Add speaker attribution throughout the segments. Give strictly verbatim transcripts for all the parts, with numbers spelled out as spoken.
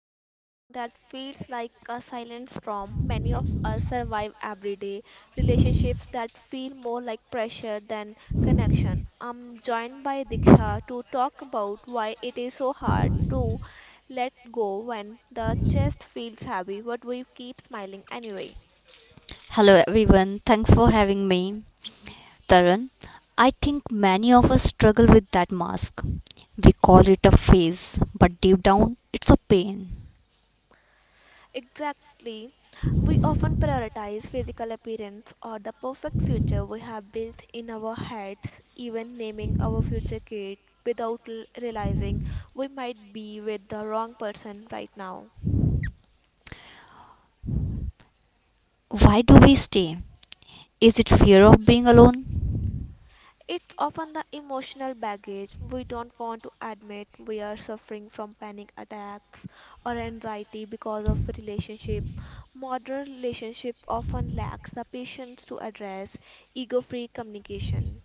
Speaker 1: into something that feels like a silent storm many of us survive every day: relationships that feel more like pressure than connection. I'm joined by Diksha to talk about why it is so hard to let go when the chest feels heavy, but we keep smiling anyway.
Speaker 2: Hello everyone, thanks for having me. Tarun, I think many of us struggle with that mask. We call it a phase, but deep down, it's a pain.
Speaker 1: Exactly. We often prioritize physical appearance or the perfect future we have built in our heads, even naming our future kid without l- realizing we might be with the wrong person right now.
Speaker 2: Why do we stay? Is it fear of being alone?
Speaker 1: It's often the emotional baggage we don't want to admit. We are suffering from panic attacks or anxiety because of relationship. Modern relationship often lacks the patience to address ego-free communication.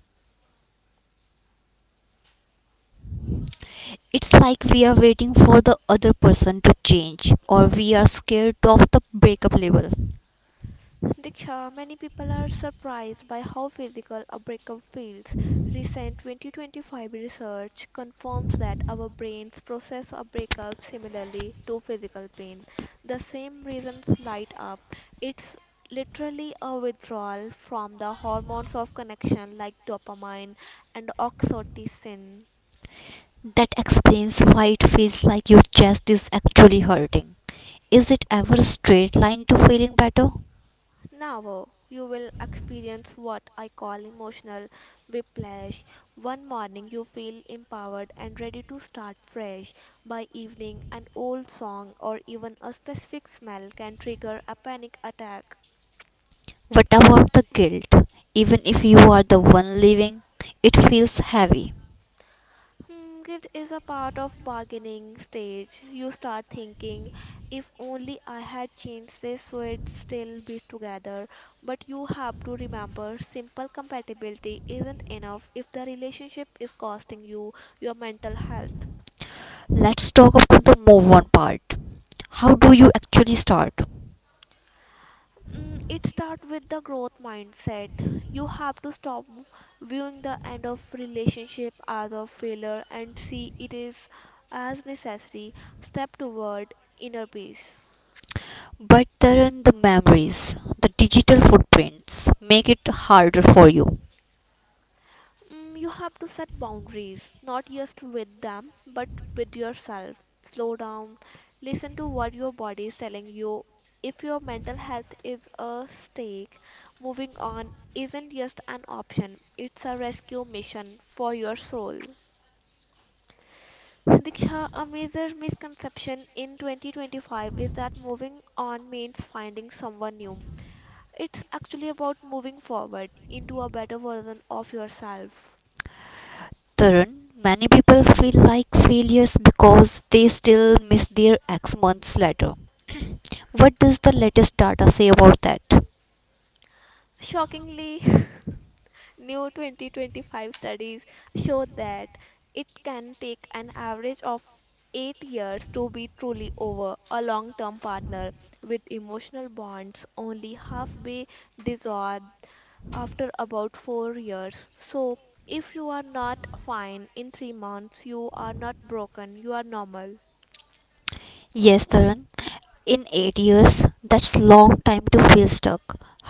Speaker 2: It's like we are waiting for the other person to change, or we are scared of the breakup label.
Speaker 1: Diksha, many people are surprised by how physical a breakup feels. Recent twenty twenty-five research confirms that our brains process a breakup similarly to physical pain. The same reasons light up. It's literally a withdrawal from the hormones of connection like dopamine and oxytocin.
Speaker 2: That explains why it feels like your chest is actually hurting. Is it ever a straight line to feeling better?
Speaker 1: Now oh, you will experience what I call emotional whiplash. One morning you feel empowered and ready to start fresh. By evening, an old song or even a specific smell can trigger a panic attack.
Speaker 2: What about the guilt? Even if you are the one living, it feels heavy.
Speaker 1: Hmm, Guilt is a part of bargaining stage. You start thinking, if only I had changed this, we'd still be together. But you have to remember, simple compatibility isn't enough if the relationship is costing you your mental health.
Speaker 2: Let's talk about the move on part. How do you actually start?
Speaker 1: Mm, It starts with the growth mindset. You have to stop viewing the end of relationship as a failure and see it is as necessary step toward inner peace.
Speaker 2: But Tarun, the memories, the digital footprints make it harder for you.
Speaker 1: Mm, you have to set boundaries, not just with them, but with yourself. Slow down, listen to what your body is telling you. If your mental health is a stake, moving on isn't just an option, it's a rescue mission for your soul. Diksha, a major misconception in twenty twenty-five is that moving on means finding someone new. It's actually about moving forward into a better version of yourself.
Speaker 2: Tarun, many people feel like failures because they still miss their ex months later. What does the latest data say about that?
Speaker 1: Shockingly, new twenty twenty-five studies show that it can take an average of eight years to be truly over. A long term partner with emotional bonds only halfway dissolved after about four years. So, if you are not fine in three months, you are not broken, you are normal.
Speaker 2: Yes, Tarun. In eight years, that's long time to feel stuck.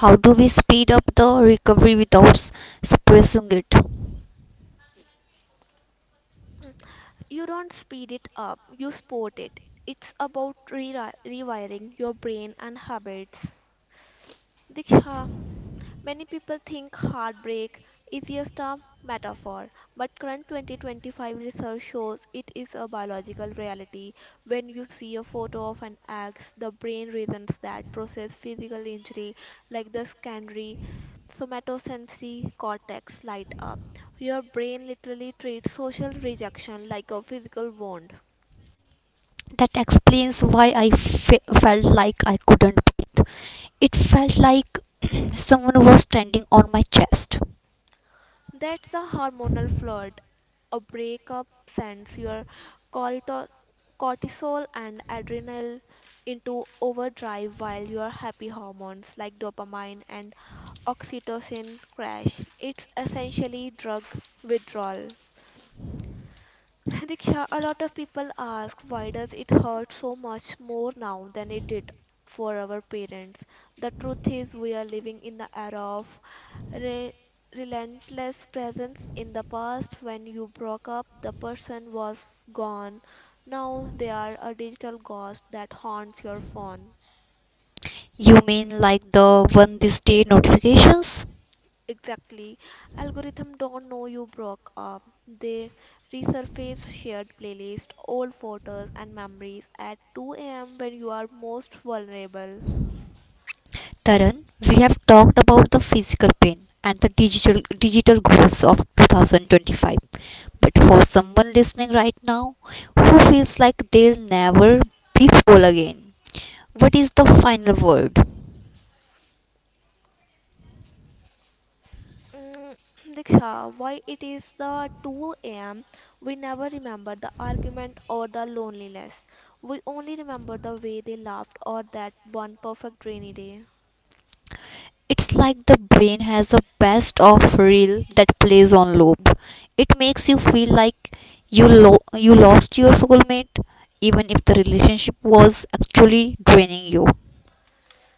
Speaker 2: How do we speed up the recovery without s- suppressing it?
Speaker 1: You don't speed it up, you sport it. It's about re- rewiring your brain and habits. Diksha, many people think heartbreak is just a metaphor, but current twenty twenty-five research shows it is a biological reality. When you see a photo of an axe, the brain reasons that process physical injury like the secondary somatosensory cortex light up. Your brain literally treats social rejection like a physical wound.
Speaker 2: That explains why I fe- felt like I couldn't breathe. It felt like someone was standing on my chest.
Speaker 1: That's a hormonal flood. A breakup sends your cortito- cortisol and adrenaline into overdrive while your happy hormones like dopamine and oxytocin crash. It's essentially drug withdrawal. Diksha, a lot of people ask, why does it hurt so much more now than it did for our parents? The truth is we are living in the era of re- relentless presence. In the past, when you broke up, the person was gone. Now they are a digital ghost that haunts your phone.
Speaker 2: You mean like the one this day notifications?
Speaker 1: Exactly. Algorithm don't know you broke up. They resurface shared playlist, old photos and memories at two a m when you are most vulnerable.
Speaker 2: Taran, we have talked about the physical pain and the digital digital goals of two thousand twenty-five. But for someone listening right now who feels like they'll never be whole again, what is the final word?
Speaker 1: Mm, Diksha, why it is the two a m we never remember the argument or the loneliness. We only remember the way they laughed or that one perfect rainy day.
Speaker 2: It's like the brain has a best of reel that plays on loop. It makes you feel like you lo- you lost your soulmate even if the relationship was actually draining you.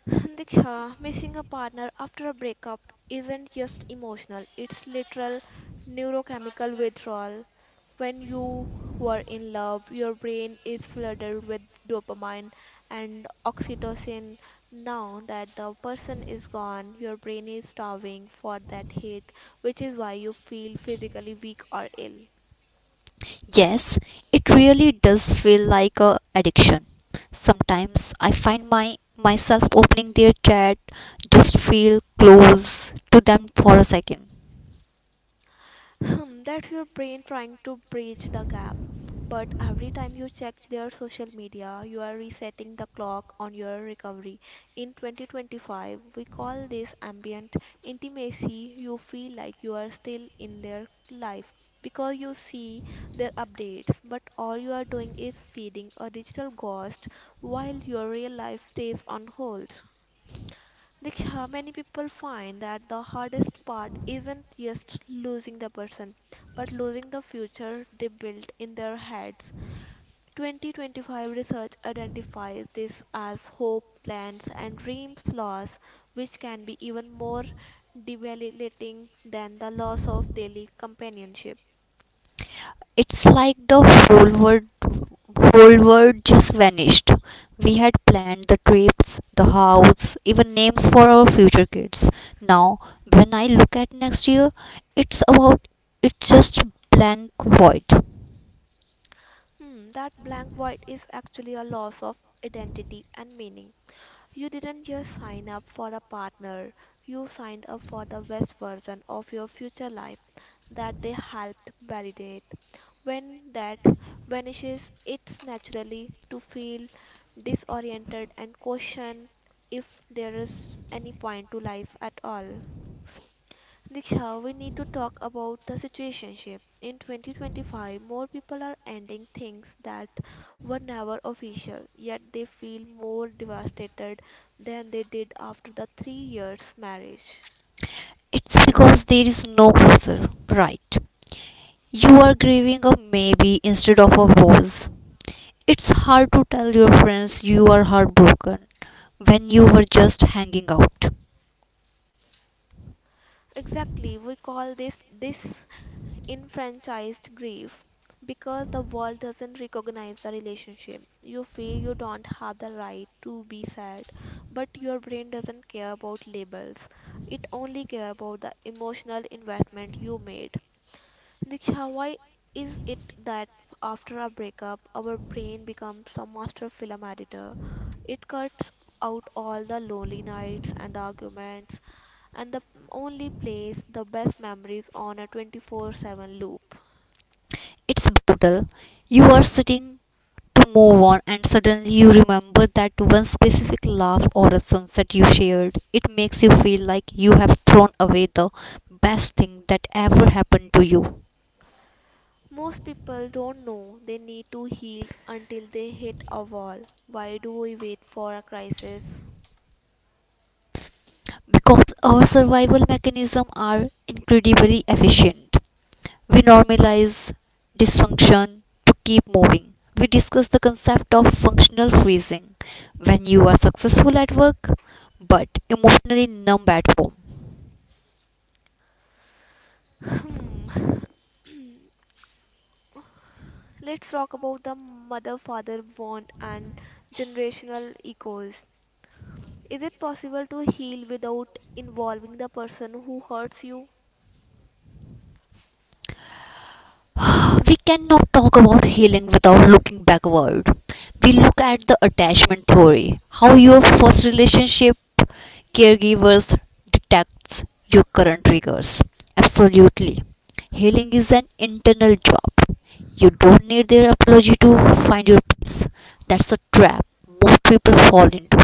Speaker 1: Diksha, missing a partner after a breakup isn't just emotional, it's literal neurochemical withdrawal. When you were in love, your brain is flooded with dopamine and oxytocin. Now that the person is gone, your brain is starving for that hit, which is why you feel physically weak or ill.
Speaker 2: Yes, it really does feel like a addiction. Sometimes I find my myself opening their chat just feel close to them for a second.
Speaker 1: Hmm, That's your brain trying to bridge the gap. But every time you check their social media, you are resetting the clock on your recovery. In twenty twenty-five, we call this ambient intimacy. You feel like you are still in their life because you see their updates, but all you are doing is feeding a digital ghost while your real life stays on hold. Diksha, many people find that the hardest part isn't just losing the person, but losing the future they built in their heads. twenty twenty-five research identifies this as hope, plans, and dreams loss, which can be even more debilitating than the loss of daily companionship.
Speaker 2: It's like the whole world whole world just vanished. We had planned the trips, the house, even names for our future kids. Now, when I look at next year, it's about it's just blank void.
Speaker 1: Hmm, that blank void is actually a loss of identity and meaning. You didn't just sign up for a partner, you signed up for the best version of your future life that they helped validate. When that vanishes, it's naturally to feel disoriented and question if there is any point to life at all. Diksha, we need to talk about the situationship. In twenty twenty-five, more people are ending things that were never official, yet they feel more devastated than they did after the three years marriage.
Speaker 2: It's because there is no closer, right? You are grieving a maybe instead of a was. It's hard to tell your friends you are heartbroken when you were just hanging out.
Speaker 1: Exactly, we call this enfranchised grief because the world doesn't recognize the relationship. You feel you don't have the right to be sad, but your brain doesn't care about labels. It only cares about the emotional investment you made. Diksha, why is it that after a breakup, our brain becomes a master film editor? It cuts out all the lonely nights and the arguments, and the only plays the best memories on a twenty-four seven loop.
Speaker 2: It's brutal. You are sitting to move on and suddenly you remember that one specific laugh or a sunset you shared. It makes you feel like you have thrown away the best thing that ever happened to you
Speaker 1: Most people don't know they need to heal until they hit a wall. Why do we wait for a crisis?
Speaker 2: because our survival mechanisms are incredibly efficient. We normalize dysfunction to keep moving. We discuss the concept of functional freezing when you are successful at work but emotionally numb at home.
Speaker 1: Hmm. Let's talk about the mother father bond and generational echoes. Is it possible to heal without involving the person who hurts you?
Speaker 2: We cannot talk about healing without looking backward. We look at the attachment theory, how your first relationship caregivers detects your current triggers. Absolutely. Healing is an internal job. You don't need their apology to find your peace. That's a trap most people fall into.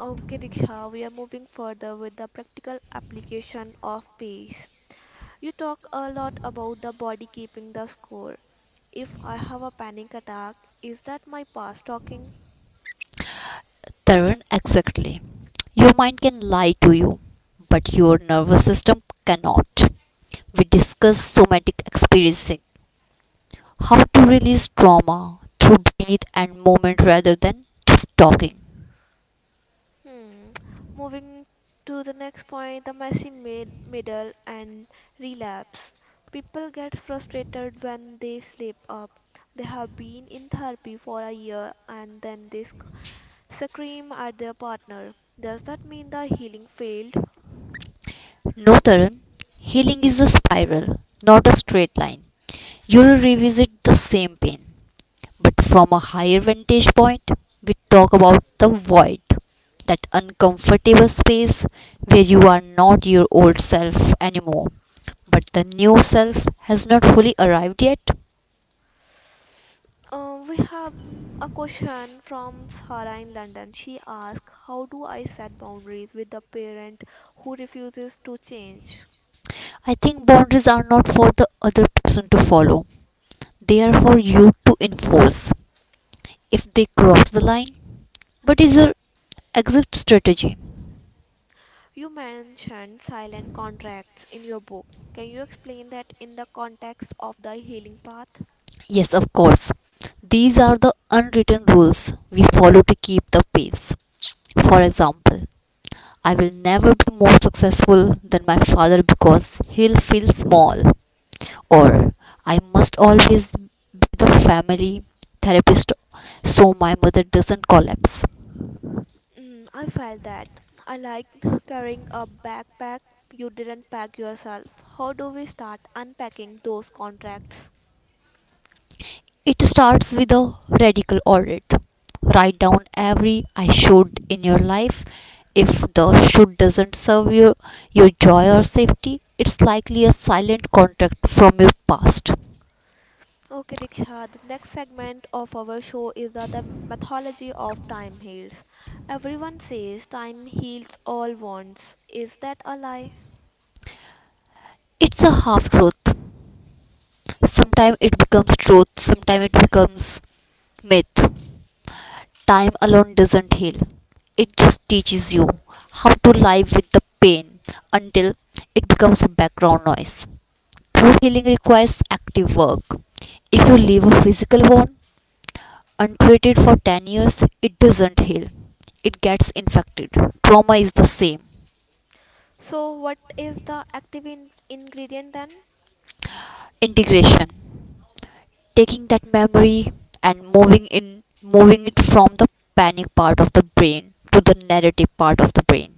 Speaker 1: Okay, Diksha, we are moving further with the practical application of peace. You talk a lot about the body keeping the score. If I have a panic attack, is that my past talking?
Speaker 2: Tarun, exactly. Your mind can lie to you, but your nervous system cannot. We discuss somatic experiencing, how to release trauma through breath and movement rather than just talking.
Speaker 1: Hmm. Moving to the next point, the messy mid- middle and relapse. People get frustrated when they slip up. They have been in therapy for a year and then they sc- scream at their partner. Does that mean the healing failed?
Speaker 2: No, Tarun, healing is a spiral, not a straight line. You'll revisit the same pain, but from a higher vantage point, we talk about the void, that uncomfortable space where you are not your old self anymore, but the new self has not fully arrived yet.
Speaker 1: Uh, we have mm, a question from Sarah in London. She asks, how do I set boundaries with the parent who refuses to change?
Speaker 2: I think boundaries are not for the other person to follow, they are for you to enforce if they cross the line. What is your exit strategy?
Speaker 1: You mentioned silent contracts in your book. Can you explain that in the context of the healing path?
Speaker 2: Yes, of course. These are the unwritten rules we follow to keep the pace. For example, I will never be more successful than my father because he'll feel small. Or I must always be the family therapist so my mother doesn't collapse.
Speaker 1: Mm, I felt that. I like carrying a backpack you didn't pack yourself. How do we start unpacking those contracts?
Speaker 2: It starts with a radical audit. Write down every I should in your life. If the should doesn't serve your, your joy or safety, it's likely a silent contract from your past.
Speaker 1: Okay, Diksha, the next segment of our show is the, the mythology of time heals. Everyone says time heals all wounds. Is that a lie?
Speaker 2: It's a half truth. Sometimes it becomes truth, sometimes it becomes myth. Time alone doesn't heal, it just teaches you how to live with the pain until it becomes a background noise. True healing requires active work. If you leave a physical wound untreated for ten years, it doesn't heal, it gets infected. Trauma is the same.
Speaker 1: So, what is the active in- ingredient then?
Speaker 2: Integration, taking that memory and moving in moving it from the panic part of the brain to the narrative part of the brain.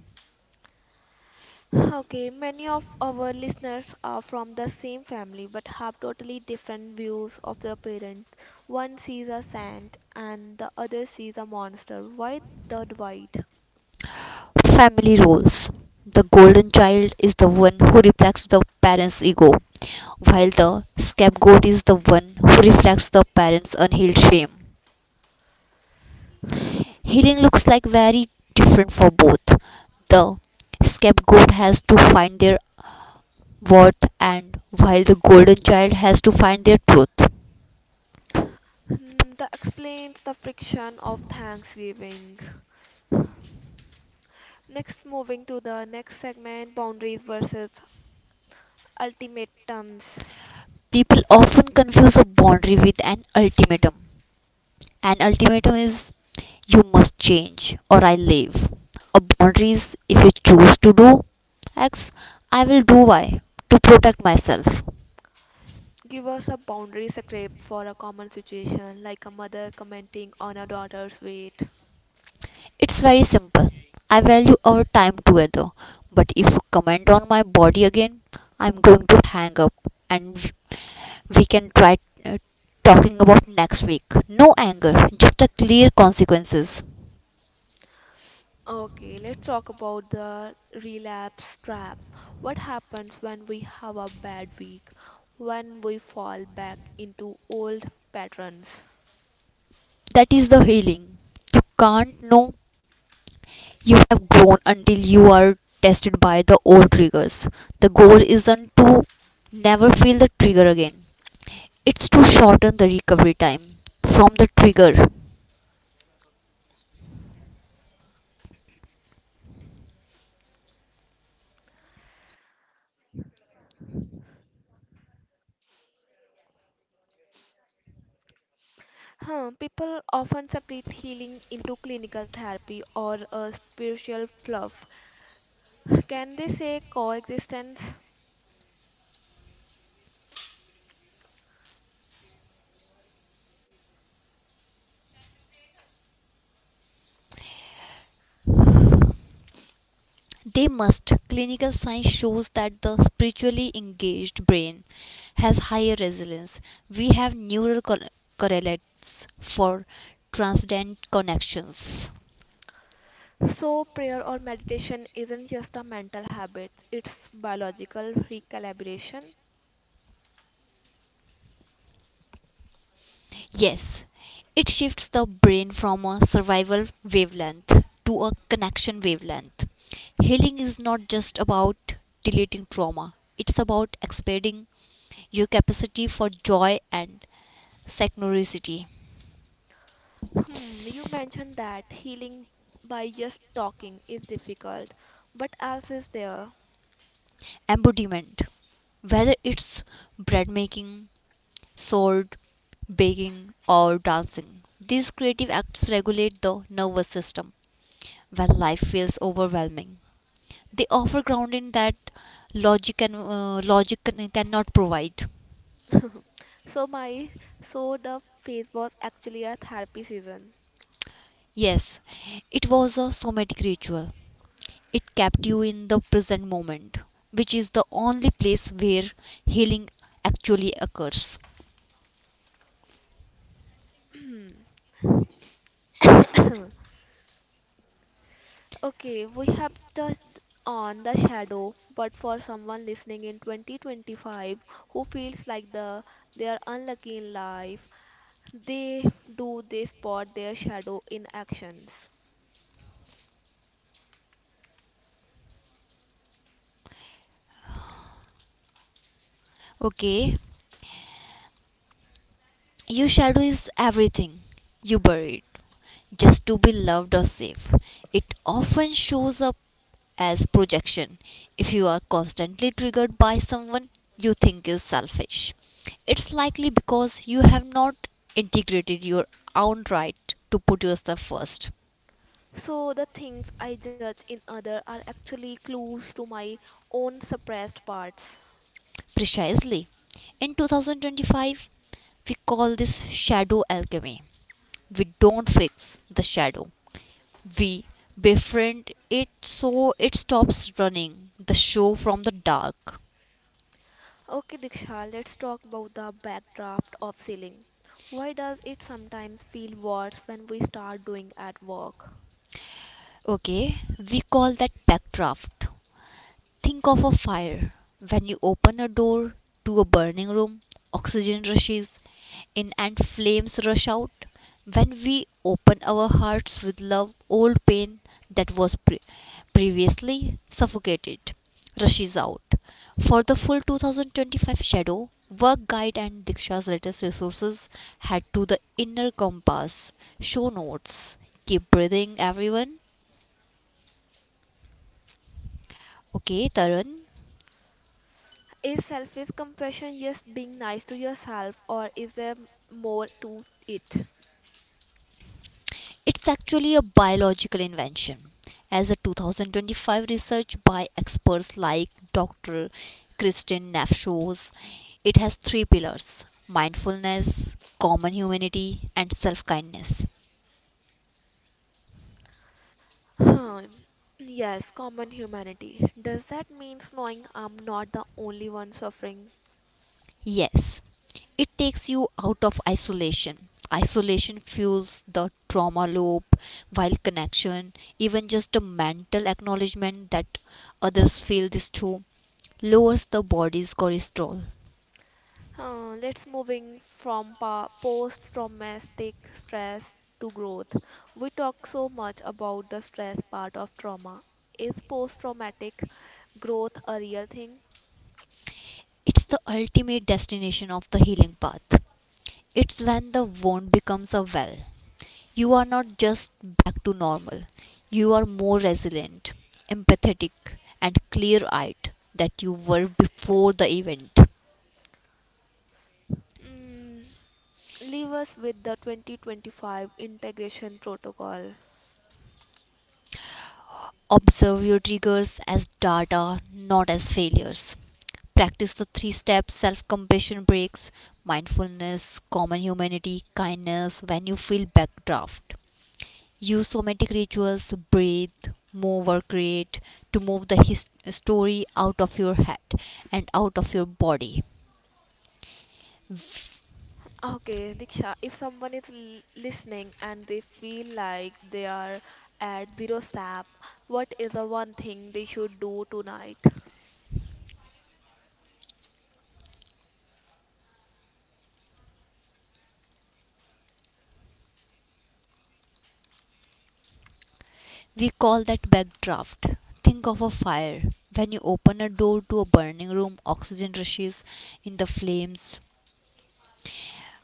Speaker 1: Okay, many of our listeners are from the same family but have totally different views of their parents. One sees a saint and the other sees a monster. Why the divide?
Speaker 2: Family roles: the golden child is the one who reflects the parent's ego, while the scapegoat is the one who reflects the parent's unhealed shame. Healing looks like very different for both. The scapegoat has to find their what, and while the golden child has to find their truth.
Speaker 1: Hmm, that explains the friction of Thanksgiving. Next, moving to the next segment boundaries versus ultimatums.
Speaker 2: People often confuse a boundary with an ultimatum. An ultimatum is you must change or I leave. A boundary is if you choose to do X, I will do Y to protect myself.
Speaker 1: Give us a boundary script for a common situation, like a mother commenting on a daughter's weight.
Speaker 2: It's very simple. I value our time together, but if you comment on my body again, I'm going to hang up and we can try uh, talking about next week. No anger, just a clear consequences.
Speaker 1: Okay, let's talk about the relapse trap. What happens when we have a bad week, when we fall back into old patterns?
Speaker 2: That is the healing. You can't know you have grown until you are tested by the old triggers. The goal isn't to never feel the trigger again. It's to shorten the recovery time from the trigger.
Speaker 1: Huh, people often separate healing into clinical therapy or a spiritual fluff. Can they say coexistence?
Speaker 2: They must. Clinical science shows that the spiritually engaged brain has higher resilience. We have neural cor- correlates for transcendent connections.
Speaker 1: So, prayer or meditation isn't just a mental habit, it's biological recalibration.
Speaker 2: Yes, it shifts the brain from a survival wavelength to a connection wavelength. Healing is not just about deleting trauma, it's about expanding your capacity for joy and synchronicity.
Speaker 1: Hmm, you mentioned that healing by just talking is difficult, but else is there.
Speaker 2: Embodiment, whether it's bread making, sword baking, or dancing, these creative acts regulate the nervous system. When life feels overwhelming, they offer grounding that logic can uh, logic can, cannot provide.
Speaker 1: So my so the phase was actually a therapy season.
Speaker 2: Yes, it was a somatic ritual. It kept you in the present moment, which is the only place where healing actually occurs.
Speaker 1: Okay, we have touched on the shadow, but for someone listening in twenty twenty-five who feels like the they are unlucky in life, they do they spot their shadow in actions.
Speaker 2: Okay. Your shadow is everything you buried just to be loved or safe. It often shows up as projection. If you are constantly triggered by someone you think is selfish, it's likely because you have not integrated your own right to put yourself first.
Speaker 1: So the things I judge in others are actually clues to my own suppressed parts.
Speaker 2: Precisely. In twenty twenty-five, we call this shadow alchemy. We don't fix the shadow, we befriend it so it stops running the show from the dark.
Speaker 1: Okay, Diksha, let's talk about the backdraft of ceiling. Why does it sometimes feel worse when we start doing at work?
Speaker 2: Okay, we call that backdraft. Think of a fire. When you open a door to a burning room, oxygen rushes in and flames rush out. When we open our hearts with love, old pain that was pre- previously suffocated rushes out. For the full two thousand twenty-five shadow, work guide and Diksha's latest resources, head to the inner compass. Show notes. Keep breathing, everyone. Okay, Tarun.
Speaker 1: Is selfish compassion just being nice to yourself, or is there more to it?
Speaker 2: It's actually a biological invention. As a two thousand twenty-five research by experts like doctor Kristin Neff shows, it has three pillars: mindfulness, common humanity, and self kindness.
Speaker 1: Hmm. Yes, common humanity. Does that mean knowing I'm not the only one suffering?
Speaker 2: Yes, it takes you out of isolation. Isolation fuels the trauma loop, while connection, even just a mental acknowledgement that others feel this too, lowers the body's cholesterol.
Speaker 1: Uh, let's moving from pa- post-traumatic stress to growth. We talk so much about the stress part of trauma. Is post-traumatic growth a real thing?
Speaker 2: It's the ultimate destination of the healing path. It's when the wound becomes a well. You are not just back to normal, you are more resilient, empathetic, and clear eyed than you were before the event.
Speaker 1: Mm, leave us with the twenty twenty-five integration protocol.
Speaker 2: Observe your triggers as data, not as failures. Practice the three steps self compassion breaks, mindfulness, common humanity, kindness. When you feel backdraft, use somatic rituals, breathe, move or create to move the his- story out of your head and out of your body.
Speaker 1: Okay, Diksha, if someone is l listening and they feel like they are at zero step, what is the one thing they should do tonight?
Speaker 2: We call that backdraft. Think of a fire. When you open a door to a burning room, oxygen rushes in, the flames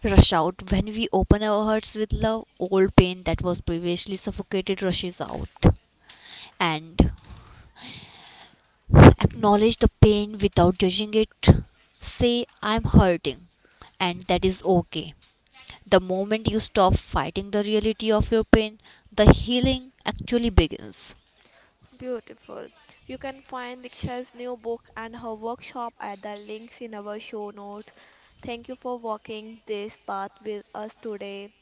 Speaker 2: rush out. When we open our hearts with love, old pain that was previously suffocated rushes out. And acknowledge the pain without judging it. Say, I'm hurting, and that is okay. The moment you stop fighting the reality of your pain, the healing actually begins.
Speaker 1: Beautiful. You can find Diksha's new book and her workshop at the links in our show notes. Thank you for walking this path with us today.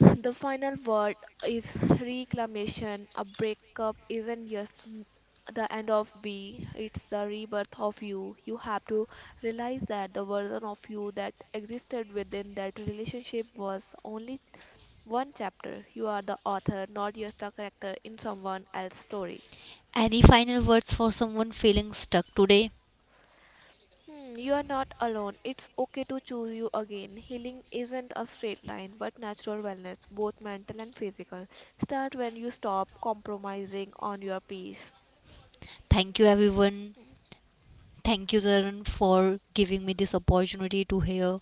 Speaker 1: The final word is reclamation. A breakup isn't just n- the end of we, it's the rebirth of you. You have to realize that the version of you that existed within that relationship was only one chapter. You are the author, not just a character in someone else's story.
Speaker 2: Any final words for someone feeling stuck today?
Speaker 1: Hmm, you are not alone. It's okay to choose you again. Healing isn't a straight line, but natural wellness, both mental and physical. Start when you stop compromising on your peace.
Speaker 2: Thank you, everyone. Thank you, Tarun, for giving me this opportunity to hear